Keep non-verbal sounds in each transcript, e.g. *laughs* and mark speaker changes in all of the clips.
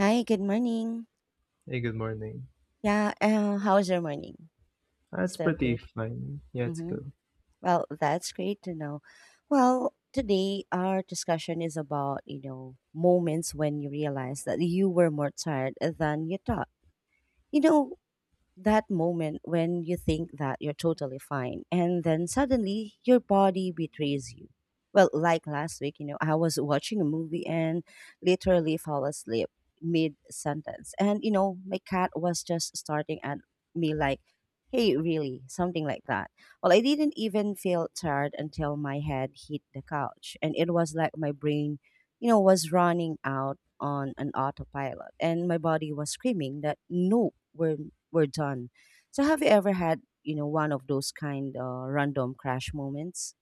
Speaker 1: Hi, good morning.
Speaker 2: Hey, good morning.
Speaker 1: Yeah, how's your morning?
Speaker 2: That's
Speaker 1: Still
Speaker 2: pretty
Speaker 1: good?
Speaker 2: fine. Yeah, it's
Speaker 1: Mm-hmm.
Speaker 2: good.
Speaker 1: Well, that's great to know. Well, today our discussion is about, moments when you realize that you were more tired than you thought. You know, that moment when you think that you're totally fine and then suddenly your body betrays you. Well, like last week, I was watching a movie and literally fell asleep mid sentence. And, my cat was just starting at me like, hey, really, something like that. Well, I didn't even feel tired until my head hit the couch. And it was like my brain, was running out on an autopilot and my body was screaming that, no, we're done. So have you ever had, one of those kind random crash moments?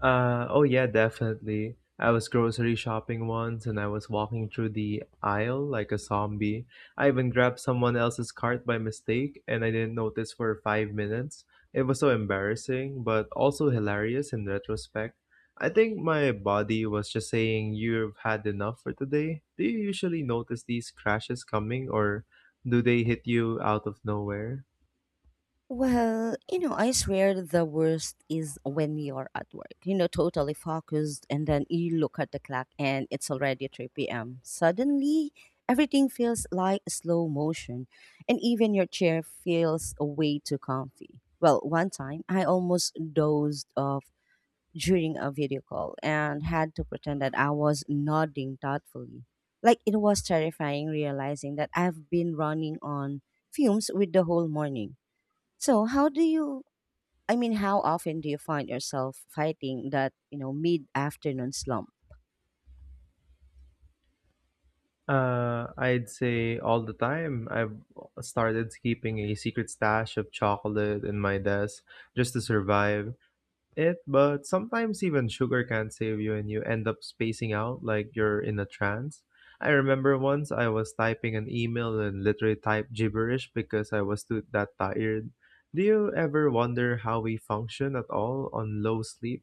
Speaker 2: Oh yeah, definitely. I was grocery shopping once and I was walking through the aisle like a zombie. I even grabbed someone else's cart by mistake and I didn't notice for 5 minutes. It was so embarrassing, but also hilarious in retrospect. I think my body was just saying, you've had enough for today. Do you usually notice these crashes coming or do they hit you out of nowhere?
Speaker 1: Well, I swear the worst is when you're at work, totally focused, and then you look at the clock and it's already 3 p.m. Suddenly, everything feels like slow motion, and even your chair feels way too comfy. Well, one time I almost dozed off during a video call and had to pretend that I was nodding thoughtfully. Like it was terrifying realizing that I've been running on fumes with the whole morning. So how do you I mean how often do you find yourself fighting that, mid afternoon slump?
Speaker 2: I'd say all the time. I've started keeping a secret stash of chocolate in my desk just to survive it, but sometimes even sugar can't save you and you end up spacing out like you're in a trance. I remember once I was typing an email and literally typed gibberish because I was too that tired. Do you ever wonder how we function at all on low sleep?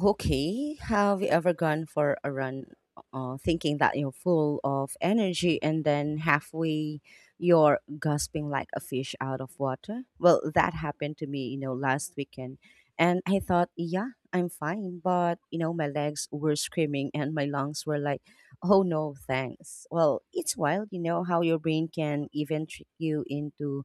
Speaker 1: Okay, have you ever gone for a run thinking that you're full of energy and then halfway you're gasping like a fish out of water? Well, that happened to me, last weekend. And I thought, yeah, I'm fine. But, my legs were screaming and my lungs were like, oh no, thanks. Well, it's wild, how your brain can even trick you into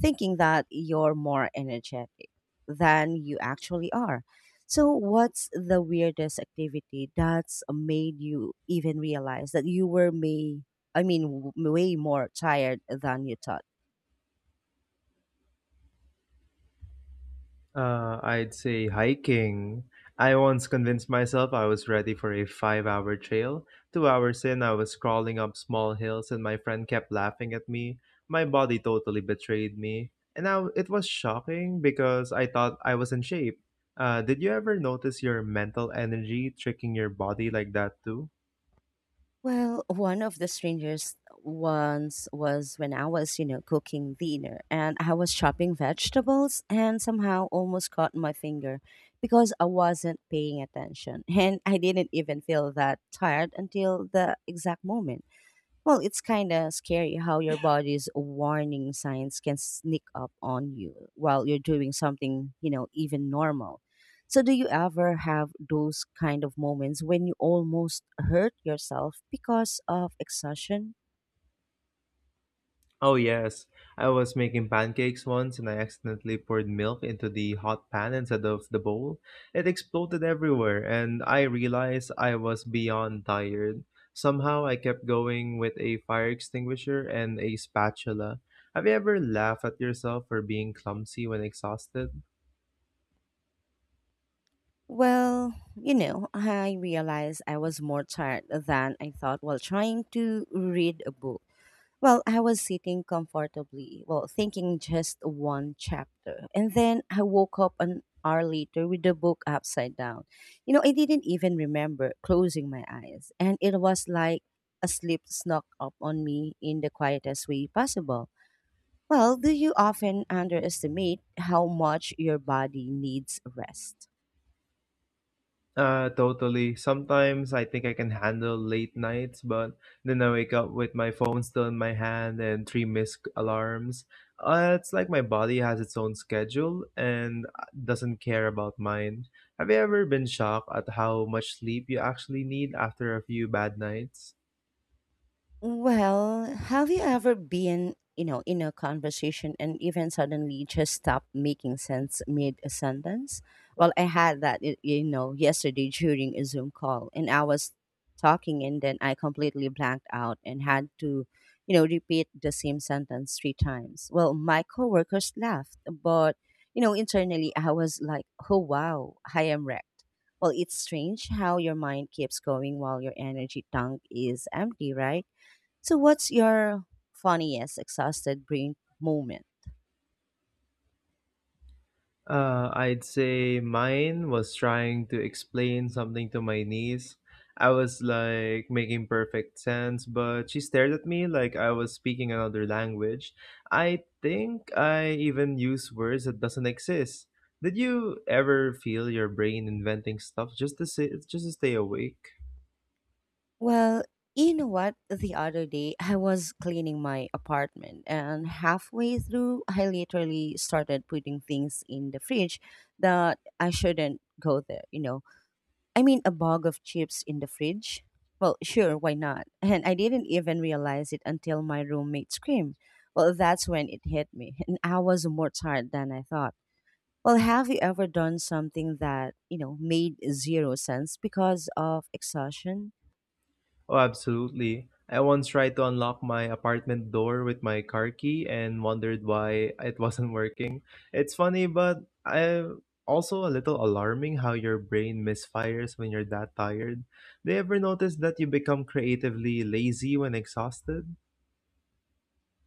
Speaker 1: thinking that you're more energetic than you actually are. So, what's the weirdest activity that's made you even realize that you were may I mean way more tired than you thought?
Speaker 2: I'd say hiking. I once convinced myself I was ready for a 5 hour trail. 2 hours in, I was crawling up small hills, and my friend kept laughing at me. My body totally betrayed me. And now it was shocking because I thought I was in shape. Did you ever notice your mental energy tricking your body like that too?
Speaker 1: Well, one of the strangest ones was when I was, cooking dinner and I was chopping vegetables and somehow almost caught my finger because I wasn't paying attention. *laughs* And I didn't even feel that tired until the exact moment. Well, it's kind of scary how your body's warning signs can sneak up on you while you're doing something, even normal. So, do you ever have those kind of moments when you almost hurt yourself because of exhaustion?
Speaker 2: Oh, yes. I was making pancakes once and I accidentally poured milk into the hot pan instead of the bowl. It exploded everywhere, and I realized I was beyond tired. Somehow, I kept going with a fire extinguisher and a spatula. Have you ever laughed at yourself for being clumsy when exhausted?
Speaker 1: Well, I realized I was more tired than I thought while trying to read a book. Well, I was sitting comfortably, well, thinking just one chapter. And then I woke up an hour later with the book upside down. I didn't even remember closing my eyes. And it was like a sleep snuck up on me in the quietest way possible. Well, do you often underestimate how much your body needs rest?
Speaker 2: Totally. Sometimes I think I can handle late nights, but then I wake up with my phone still in my hand and three missed alarms. It's like my body has its own schedule and doesn't care about mine. Have you ever been shocked at how much sleep you actually need after a few bad nights?
Speaker 1: Well, have you ever been, in a conversation and even suddenly just stopped making sense mid a sentence? Well, I had that, yesterday during a Zoom call, and I was talking, and then I completely blanked out and had to, repeat the same sentence three times. Well, my coworkers laughed, but internally I was like, "Oh wow, I am wrecked." Well, it's strange how your mind keeps going while your energy tank is empty, right? So, what's your funniest exhausted brain moment?
Speaker 2: I'd say mine was trying to explain something to my niece. I was like making perfect sense, but she stared at me like I was speaking another language. I think I even use words that doesn't exist. Did you ever feel your brain inventing stuff just to stay awake?
Speaker 1: Well, you know what? The other day, I was cleaning my apartment, and halfway through, I literally started putting things in the fridge that I shouldn't go there. I mean, a bag of chips in the fridge? Well, sure, why not? And I didn't even realize it until my roommate screamed. Well, that's when it hit me, and I was more tired than I thought. Well, have you ever done something that, made zero sense because of exhaustion?
Speaker 2: Oh, absolutely. I once tried to unlock my apartment door with my car key and wondered why it *laughs* wasn't working. It's funny, but I also a little alarming how your brain misfires when you're that tired. Do you ever notice that you become creatively lazy when exhausted?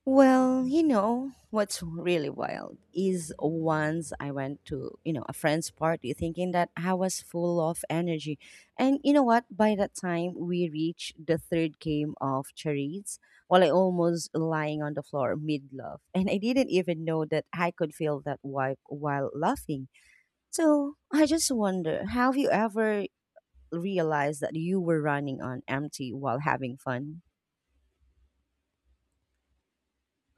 Speaker 1: Well, what's really wild is once I went to, a friend's party thinking that I was full of energy. And you know what? By that time we reached the third game of charades, while I almost lying on the floor mid laugh. And I didn't even know that I could feel that wipe while laughing. So I just wonder, have you ever realized that you were running on empty while having fun?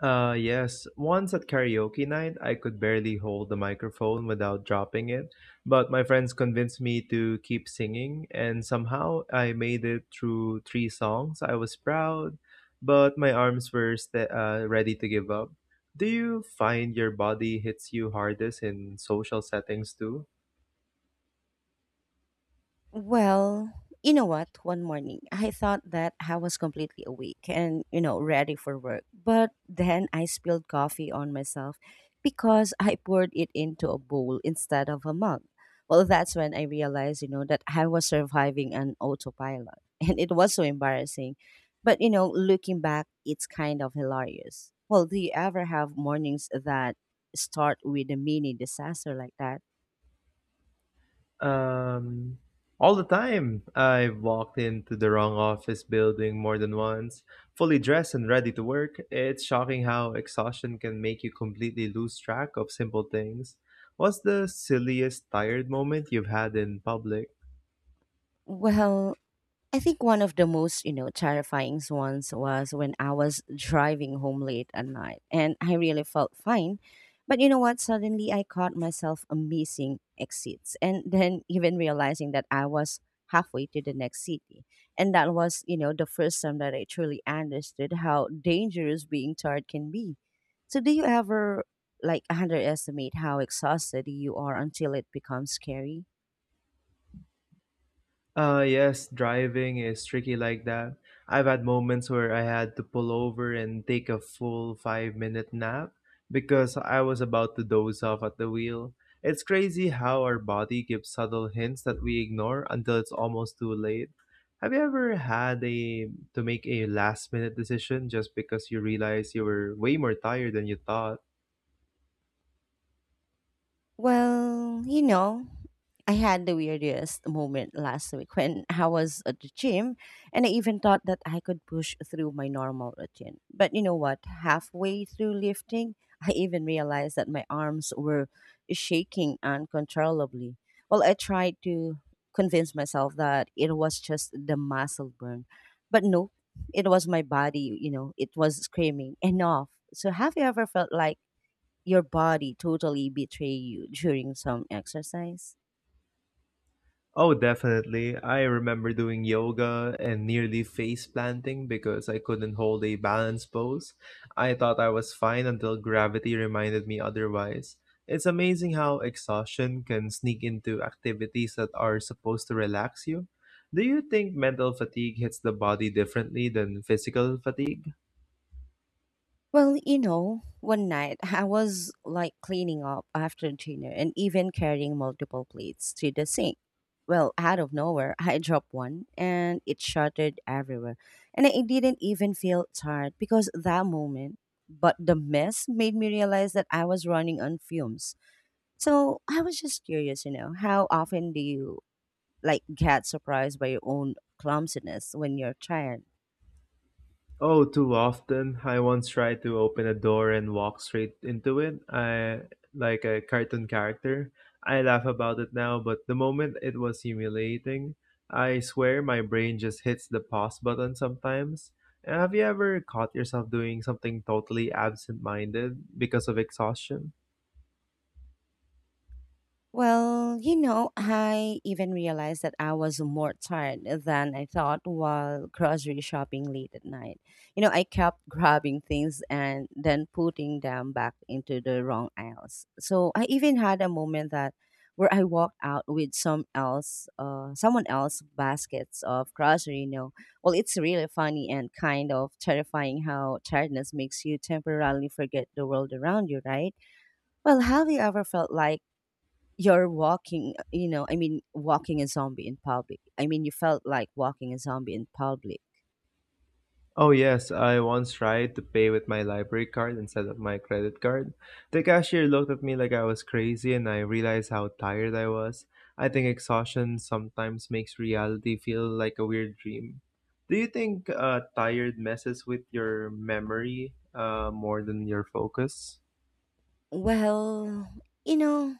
Speaker 2: Yes. Once at karaoke night, I could barely hold the microphone without dropping it, but my friends convinced me to keep singing, and somehow I made it through three songs. I was proud, but my arms were ready to give up. Do you find your body hits you hardest in social settings too?
Speaker 1: Well, you know what? One morning, I thought that I was completely awake and, ready for work. But then I spilled coffee on myself because I poured it into a bowl instead of a mug. Well, that's when I realized, that I was surviving an autopilot. *laughs* And it was so embarrassing. But, looking back, it's kind of hilarious. Well, do you ever have mornings that start with a mini disaster like that?
Speaker 2: Um, all the time. I've walked into the wrong office building more than once, fully dressed and ready to work. It's shocking how exhaustion can make you completely lose track of simple things. What's the silliest tired moment you've had in public?
Speaker 1: Well, I think one of the most, terrifying ones was when I was driving home late at night and I really felt fine. But you know what? Suddenly I caught myself missing exits and *laughs* then even realizing that I was halfway to the next city. And that was, the first time that I truly understood how dangerous being tired can be. So do you ever like underestimate how exhausted you are until it becomes scary?
Speaker 2: Yes, driving is tricky like that. I've had moments where I had to pull over and take a full 5 minute nap because I was about to doze off at the wheel. It's crazy how our body gives subtle hints that we ignore until it's almost too late. Have you ever had a to make a last minute decision just because you realized you were way more tired than you thought?
Speaker 1: Well, I had the weirdest moment last week when *laughs* I was at the gym and I even thought that I could push through my normal routine. But you know what? Halfway through lifting, *laughs* I even realized that my arms were shaking uncontrollably. Well, I tried to convince myself that it was just the muscle burn, but no, it was my body, it was screaming enough. So, have you ever felt like your body totally betray you during some exercise?
Speaker 2: Oh, definitely. I remember doing yoga and nearly face planting because I couldn't hold a balance pose. I thought I was fine until gravity reminded me otherwise. It's amazing how exhaustion can sneak into activities that are supposed to relax you. Do you think mental fatigue hits the body differently than physical fatigue?
Speaker 1: Well, one night *laughs* I was like cleaning up after dinner and even carrying multiple plates to the sink. Well, out of nowhere, I *laughs* dropped one and it shattered everywhere. And I didn't even feel tired because that moment, but the mess made me realize that I was running on fumes. So I was just curious, how often do you like get surprised by your own clumsiness when you're tired?
Speaker 2: Oh, too often. I once tried to open a door and walk straight into it. I like a cartoon character. I laugh about it now, but the moment it was humiliating, I swear my brain just hits the pause button sometimes. Have you ever caught yourself doing something totally absent-minded because of exhaustion?
Speaker 1: Well, I even realized that I was more tired than I thought while grocery shopping late at night. I kept grabbing things and then putting them back into the wrong aisles. So I even had a moment that where I walked out with someone else baskets of grocery. Well, it's really funny and kind of terrifying how tiredness makes you temporarily forget the world around you, right? Well, have you ever felt like you're walking you know I mean walking a zombie in public. I mean you felt like walking a zombie in public.
Speaker 2: Oh, yes, I once tried to pay with my library card instead of my credit card. The cashier looked at me like I was crazy, and I realized how tired I was. I think exhaustion sometimes makes reality feel like a weird dream. Do you think tired messes with your memory more than your focus?
Speaker 1: Well, you know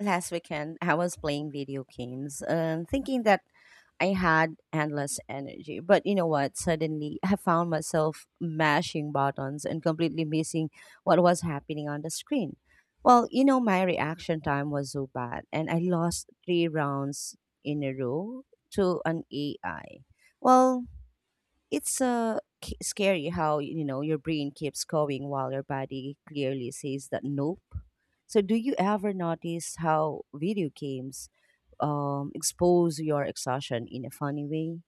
Speaker 1: last weekend I was playing video games and thinking that I had endless energy. But you know what? Suddenly I found myself mashing buttons and completely missing what was happening on the screen. Well, my reaction time was so bad and I lost three rounds in a row to an AI. Well, it's scary how your brain keeps going while your body clearly says that nope. So, do you ever notice how video games expose your exhaustion in a funny way?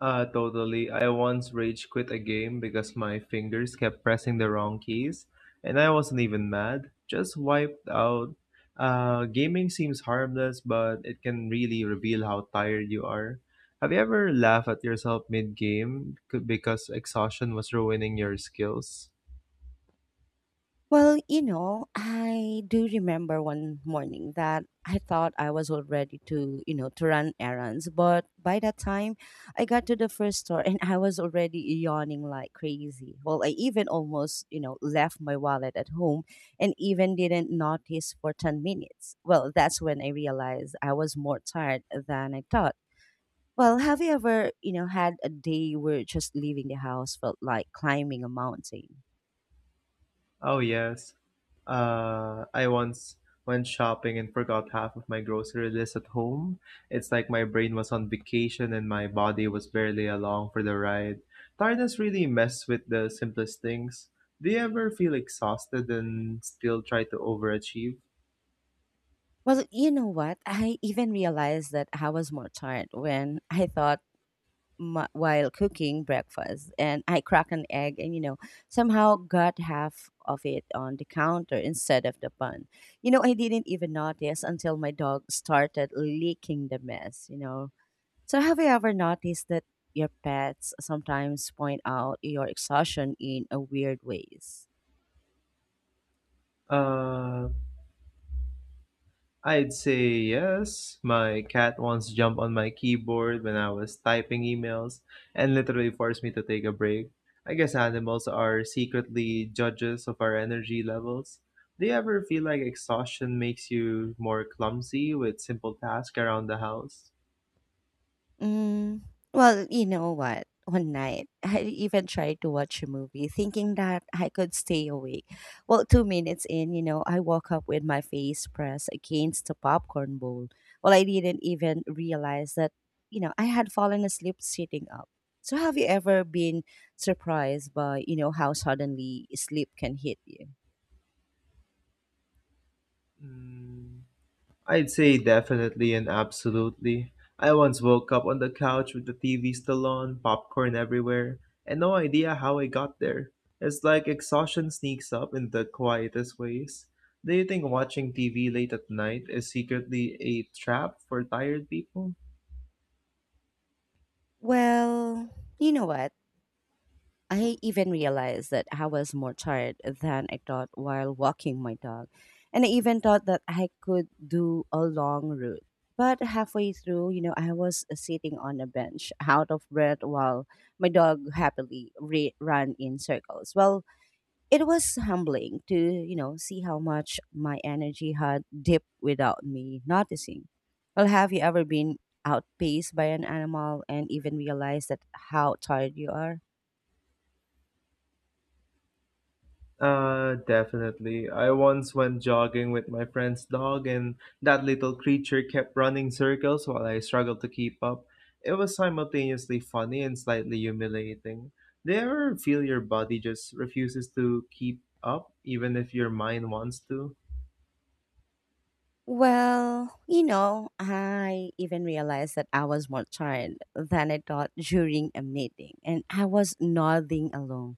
Speaker 2: Totally. I once rage quit a game because my fingers kept pressing the wrong keys, and I wasn't even mad, just wiped out. Gaming seems harmless, but it can really reveal how tired you are. Have you ever laughed at yourself mid game because exhaustion was ruining your skills?
Speaker 1: Well, I do remember one morning that I thought I was all ready to, run errands. But by that time, I got to the first store and I was already yawning like crazy. Well, I even almost, left my wallet at home and even didn't notice for 10 minutes. Well, that's when I realized I was more tired than I thought. Well, have you ever, had a day where just leaving the house felt like climbing a mountain?
Speaker 2: Oh, yes. I once went shopping and forgot half of my grocery list at home. It's like my brain was on vacation and my body was barely along for the ride. Tiredness really mess with the simplest things. Do you ever feel exhausted and still try to overachieve?
Speaker 1: Well, you know what? I even realized that I was more tired when I thought while cooking breakfast, and I cracked an egg, and somehow got half of it on the counter instead of the bun. I didn't even notice until my dog started licking the mess. So have you ever noticed that your pets sometimes point out your exhaustion in a weird ways?
Speaker 2: Uh, I'd say yes. My cat once jumped on my keyboard when I was typing emails and literally forced me to take a break. I guess animals are secretly judges of our energy levels. Do you ever feel like exhaustion makes you more clumsy with simple tasks around the house?
Speaker 1: Mm, well, you know what? One night, I even tried to watch a movie thinking that I could stay awake. Well, 2 minutes in, I woke up with my face pressed against the popcorn bowl. Well, I didn't even realize that, I had fallen asleep sitting up. So, have you ever been surprised by, how suddenly sleep can hit you?
Speaker 2: Mm, I'd say definitely and absolutely. I once woke up on the couch with the TV still on, popcorn everywhere, and no idea how I got there. It's like exhaustion sneaks up in the quietest ways. Do you think watching TV late at night is secretly a trap for tired people?
Speaker 1: Well, you know what? I even realized that I was more tired than I thought while walking my dog. And I even thought that I could do a long route. But halfway through, you know, I was sitting on a bench out of breath while my dog happily ran in circles. Well, it was humbling to, you know, see how much my energy had dipped without me noticing. Well, have you ever been outpaced by an animal and even realized that how tired you are?
Speaker 2: Definitely. I once went jogging with my friend's dog, and that little creature kept running circles while I struggled to keep up. It was simultaneously funny and slightly humiliating. Do you ever feel your body just refuses to keep up, even if your mind wants to?
Speaker 1: Well, you know, I even realized that I was more tired than I thought during a meeting, and I was nodding along,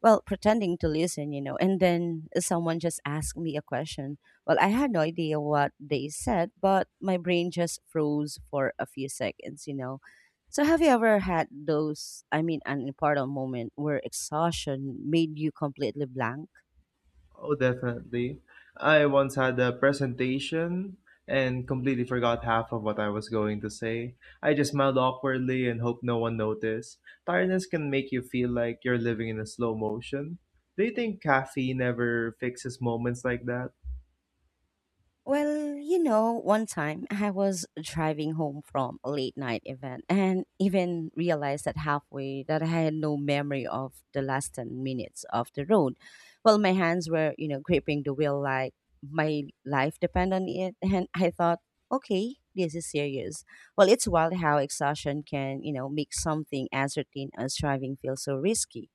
Speaker 1: well, pretending to listen, you know, and then someone just asked me a question. Well, I had no idea what they said, but my brain just froze for a few seconds, you know. So, have you ever had those, I mean, an important moment where exhaustion made you completely blank?
Speaker 2: Oh, definitely. I once had a presentation and completely forgot half of what I was going to say. I just smiled awkwardly and hoped no one noticed. Tiredness can make you feel like you're living in a slow motion. Do you think caffeine ever fixes moments like that?
Speaker 1: Well, you know, one time I was driving home from a late night event and even realized that halfway that I had no memory of the last 10 minutes of the road. Well, my hands were, you know, gripping the wheel like my life depend on it. And I thought, okay, this is serious. Well, it's wild how exhaustion can, you know, make something as routine as driving feel so risky.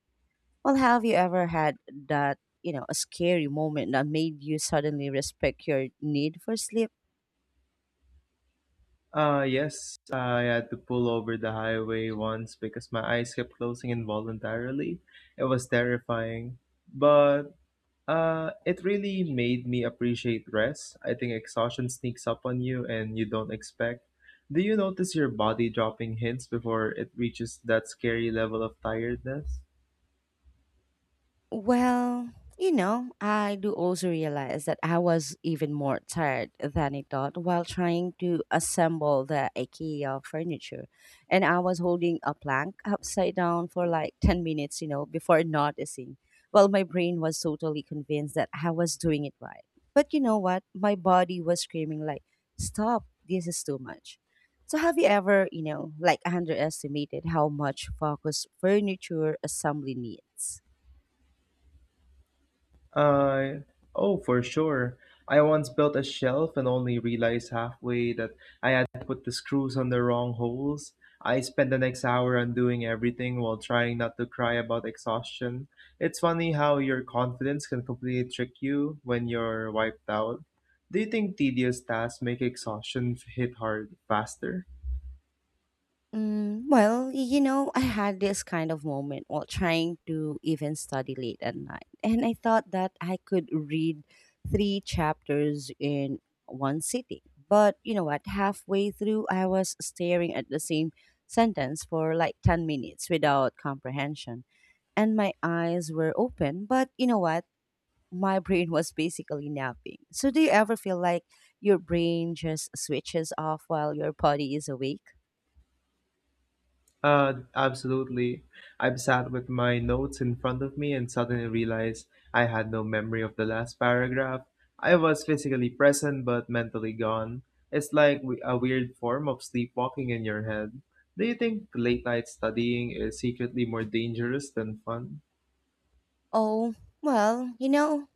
Speaker 1: Well, have you ever had that, you know, a scary moment that made you suddenly respect your need for sleep?
Speaker 2: Yes. I had to pull over the highway once because my eyes kept closing involuntarily. It was terrifying. But It really made me appreciate rest. I think exhaustion sneaks up on you and you don't expect. Do you notice your body dropping hints before it reaches that scary level of tiredness?
Speaker 1: Well, you know, I do also realize that I was even more tired than I thought while trying to assemble the IKEA furniture. And I was holding a plank upside down for like 10 minutes, you know, before *laughs* noticing. Well, my brain was totally convinced that I was doing it right. But you know what? My body was screaming, like, stop, this is too much. So, have you ever, you know, like underestimated how much focus furniture assembly needs?
Speaker 2: I Oh, for sure. I once built a shelf and only realized halfway that I had put the screws on the wrong holes. I spent the next hour undoing everything while trying not to cry about exhaustion. It's funny how your confidence can completely trick you when you're wiped out. Do you think tedious tasks make exhaustion hit hard faster?
Speaker 1: Well, you know, I had this kind of moment while trying to even study late at night. And I thought that I could read three chapters in one sitting. But you know what? Halfway through, I was staring at the same sentence for like 10 minutes without comprehension. And my eyes were open. But you know what? My brain was basically napping. So, do you ever feel like your brain just switches off while your body is awake?
Speaker 2: Absolutely. I've sat with my notes in front of me and suddenly realized I had no memory of the last paragraph. I was physically present but mentally gone. It's like a weird form of sleepwalking in your head. Do you think late night studying is secretly more dangerous than fun?
Speaker 1: Oh, well, you know,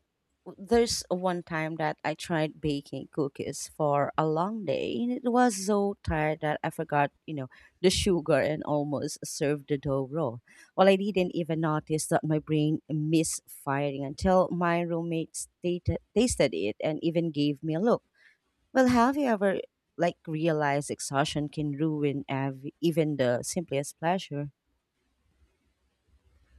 Speaker 1: there's one time that I tried baking cookies for a long day, and it was so tired that I forgot, you know, the sugar and almost served the dough raw. Well, I didn't even notice that my brain misfiring until my roommates tasted it and even gave me a look. Well, have you ever, like, realized exhaustion can ruin even the simplest pleasure?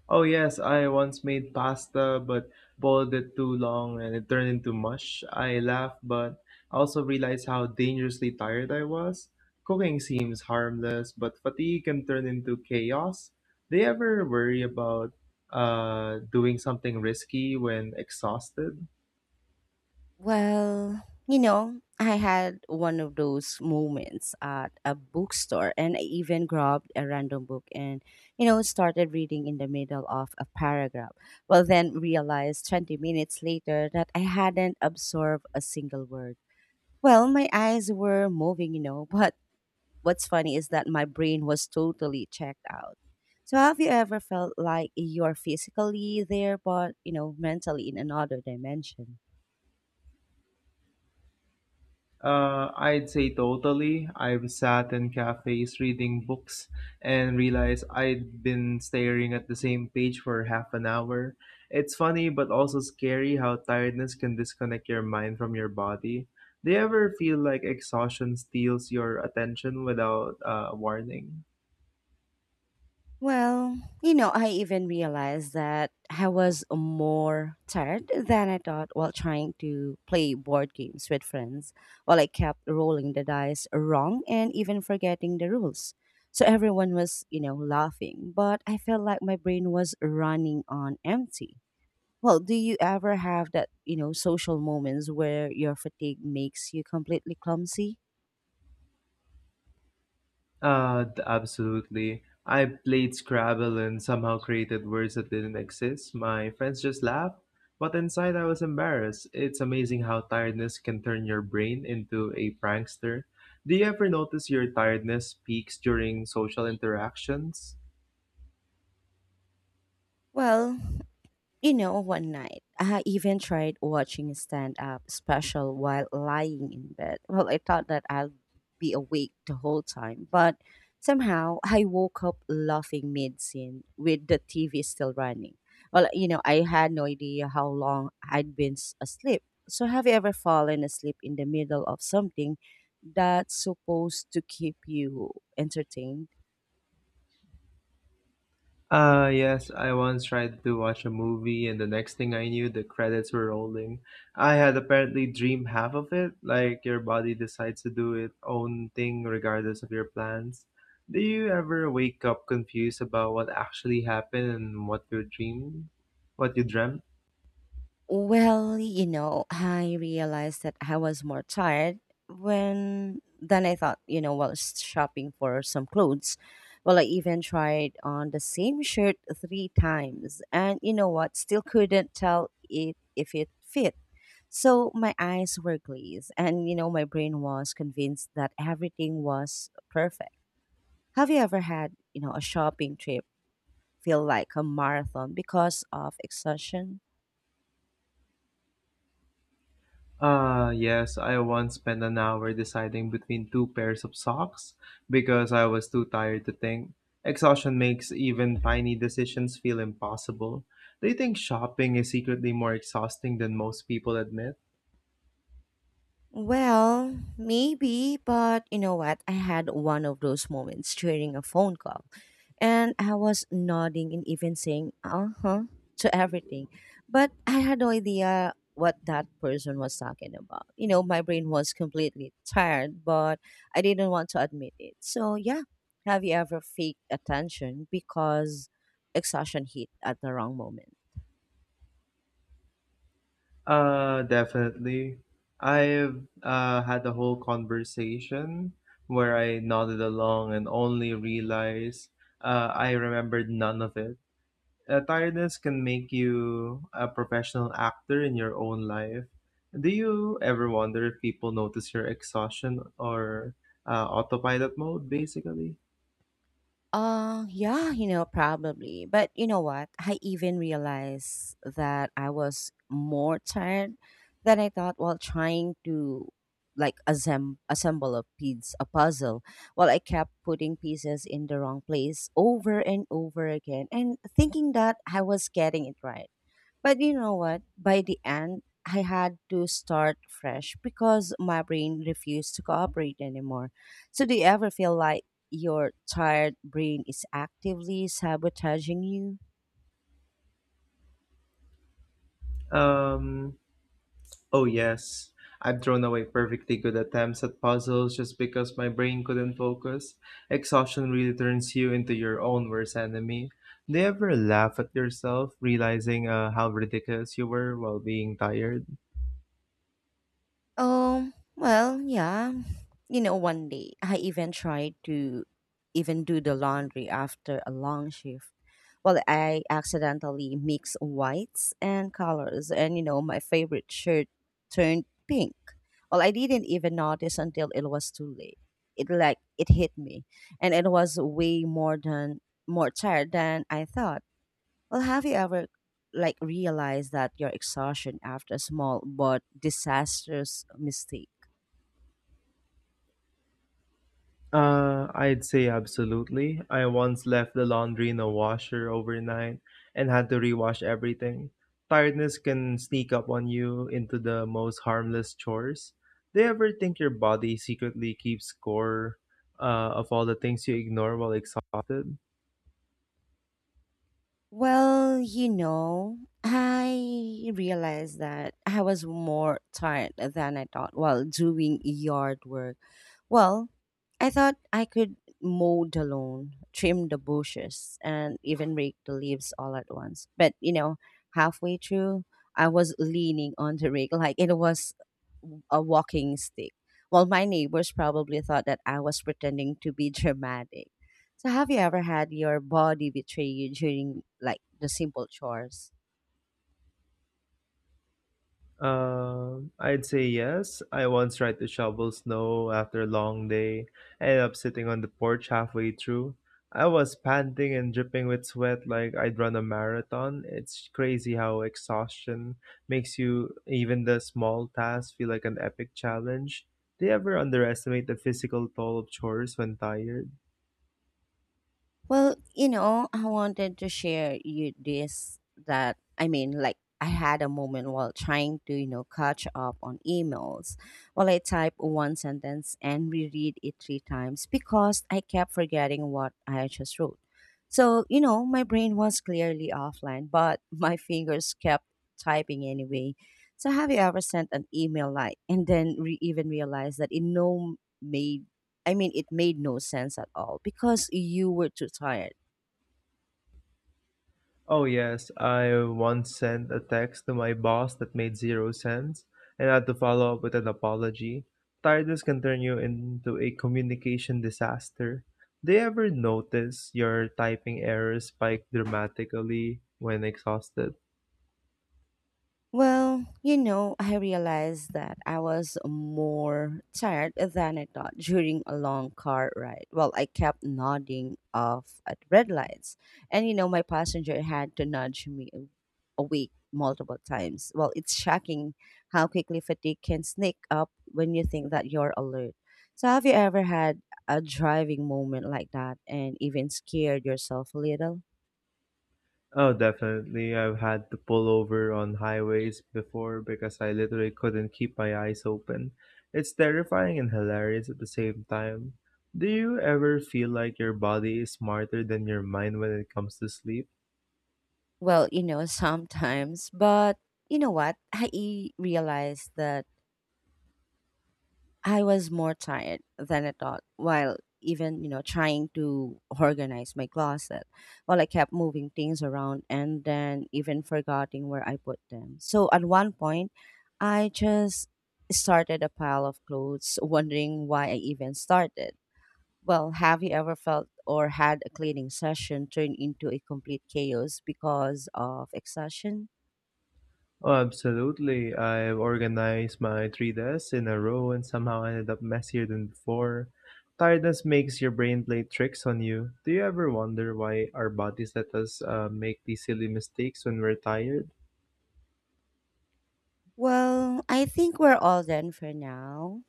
Speaker 2: Oh yes, I once made pasta but boiled it too long and it turned into mush. I laughed, but I also realized how dangerously tired I was. Cooking seems harmless, but fatigue can turn into chaos. Do you ever worry about doing something risky when exhausted?
Speaker 1: Well, you know, I had one of those moments at a bookstore and I even grabbed a random book and, you know, started reading in the middle of a paragraph. Well, then realized 20 minutes later that I hadn't absorbed a single word. Well, my eyes were moving, you know, but what's funny is that my brain was totally checked out. So, have you ever felt like you're physically there, but, you know, mentally in another dimension?
Speaker 2: I'd say totally. I've sat in cafes reading books and realized I'd been staring at the same page for half an hour. It's funny but also scary how tiredness can disconnect your mind from your body. Do you ever feel like exhaustion steals your attention without warning?
Speaker 1: Well, you know, I even realized that I was more tired than I thought while trying to play board games with friends, while I kept rolling the dice wrong and even forgetting the rules. So everyone was, you know, laughing, but I felt like my brain was running on empty. Well, do you ever have that, you know, social moments where your fatigue makes you completely clumsy?
Speaker 2: Absolutely. I played Scrabble and somehow created words that didn't exist. My friends just laughed, but inside I was embarrassed. It's amazing how tiredness can turn your brain into a prankster. Do you ever notice your tiredness peaks during social interactions?
Speaker 1: Well, you know, one night, I even tried watching a stand up special while lying in bed. Well, I thought that I'd be awake the whole time, but somehow I woke up laughing mid scene with the TV still running. Well, you know, I had no idea how long I'd been asleep. So, have you ever fallen asleep in the middle of something that's supposed to keep you entertained?
Speaker 2: Yes, I once tried to watch a movie, and the next thing I knew, the credits were rolling. I had apparently dreamed half of it, like your body decides to do its own thing regardless of your plans. Do you ever wake up confused about what actually happened and what you dreamed? What you dreamt?
Speaker 1: Well, you know, I realized that I was more tired when then I thought, you know, while shopping for some clothes. Well, I even tried on the same shirt three times, and you know what? Still couldn't tell it if it fit. So my eyes were glazed, and you know, my brain was convinced that everything was perfect. Have you ever had, you know, a shopping trip feel like a marathon because of exhaustion?
Speaker 2: Ah, yes, I once spent an hour deciding between two pairs of socks because I was too tired to think. Exhaustion makes even tiny decisions feel impossible. Do you think shopping is secretly more exhausting than most people admit?
Speaker 1: Well, maybe, but you know what? I had one of those moments during a phone call, and I was nodding and even saying "uh huh" to everything, but I had no idea what that person was talking about. You know, my brain was completely tired, but I didn't want to admit it. So yeah, have you ever faked attention because exhaustion hit at the wrong moment?
Speaker 2: Definitely. I've had a whole conversation where I nodded along and only realized I remembered none of it. Tiredness can make you a professional actor in your own life. Do you ever wonder if people notice your exhaustion or autopilot mode, basically?
Speaker 1: Yeah, you know, probably. But you know what? I even realized that I was more tired than I thought while trying to like assemble a piece, a puzzle. While I kept putting pieces in the wrong place over and over again and thinking that I was getting it right. But you know what? By the end, I had to start fresh because my brain refused to cooperate anymore. So, do you ever feel like your tired brain is actively sabotaging you?
Speaker 2: Um, oh, yes. I've thrown away perfectly good attempts at puzzles just because my brain couldn't focus. Exhaustion really turns you into your own worst enemy. Do you ever laugh at yourself, realizing how ridiculous you were while being tired?
Speaker 1: Well, yeah. You know, one day I even tried to even do the laundry after a long shift. Well, I accidentally mixed whites and colors, and you know, my favorite shirt turned pink. Well, I didn't even notice until it was too late. It like it hit me, and it was way more than more tired than I thought. Well, have you ever like realized that your exhaustion after a small but disastrous mistake?
Speaker 2: I'd say absolutely. I once left the laundry in a washer overnight and had to rewash everything. Tiredness can sneak up on you into the most harmless chores. Do you ever think your body secretly keeps score of all the things you ignore while exhausted?
Speaker 1: Well, you know, I realized that I was more tired than I thought while doing yard work. Well, I thought I could mow the lawn, trim the bushes, and even rake the leaves all at once. But, you know, halfway through, I was leaning on the rake *laughs* like it was a walking stick. Well, my neighbors probably thought that I was pretending to be *laughs* dramatic. So, have you ever had your body betray you during like the simple chores?
Speaker 2: I'd say yes. I once tried to shovel snow after a long day. I ended up sitting on the porch halfway through. I was panting and dripping with sweat like I'd run a marathon. It's crazy how exhaustion makes you, even the small tasks, feel like an epic challenge. Do you ever underestimate the physical toll of chores when tired?
Speaker 1: Well, you know, I wanted to share you this that I mean, like I had a moment while trying to, you know, catch up on emails. Well, I type one sentence and reread it three times because I kept forgetting what I just wrote. So, you know, my brain was clearly offline, but *laughs* my fingers kept typing anyway. So, have you ever sent an email like and then even realized that it no made I mean, it made no sense at all because you were too tired.
Speaker 2: Oh, yes, I once sent a text to my boss that made zero sense and had to follow up with an apology. Tiredness can turn you into a communication disaster. Do you ever notice your typing errors spike dramatically when exhausted?
Speaker 1: Well, you know, I realized that I was more tired than I thought during a long car ride. Well, I kept nodding off at red lights. And, you know, my passenger had to nudge me awake multiple times. Well, it's shocking how quickly fatigue can sneak up when you think that you're alert. So, have you ever had a driving moment like that and even scared yourself a little?
Speaker 2: Oh, definitely. I've had to pull over on highways before because I literally couldn't keep my eyes open. It's terrifying and hilarious at the same time. Do you ever feel like your body is smarter than your mind when it comes to sleep?
Speaker 1: Well, you know, sometimes, but you know what? I realized that I was more tired than I thought while even, you know, trying to organize my closet. While I kept moving things around and then even forgetting where I put them. So at one point, I just started a pile of clothes, wondering why I even started. Well, have you ever felt or had a cleaning session turn into a complete chaos because of exhaustion?
Speaker 2: Oh, absolutely. I've organized my three desks in a row and somehow ended up messier than before. Tiredness makes your brain play tricks on you. Do you ever wonder why our bodies let us make these silly mistakes when we're tired?
Speaker 1: Well, I think we're all done for now,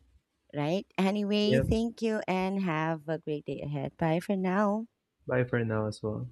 Speaker 1: right? Anyway,
Speaker 2: Yep.
Speaker 1: thank you and have a great day ahead. Bye for now.
Speaker 2: Bye for now as well!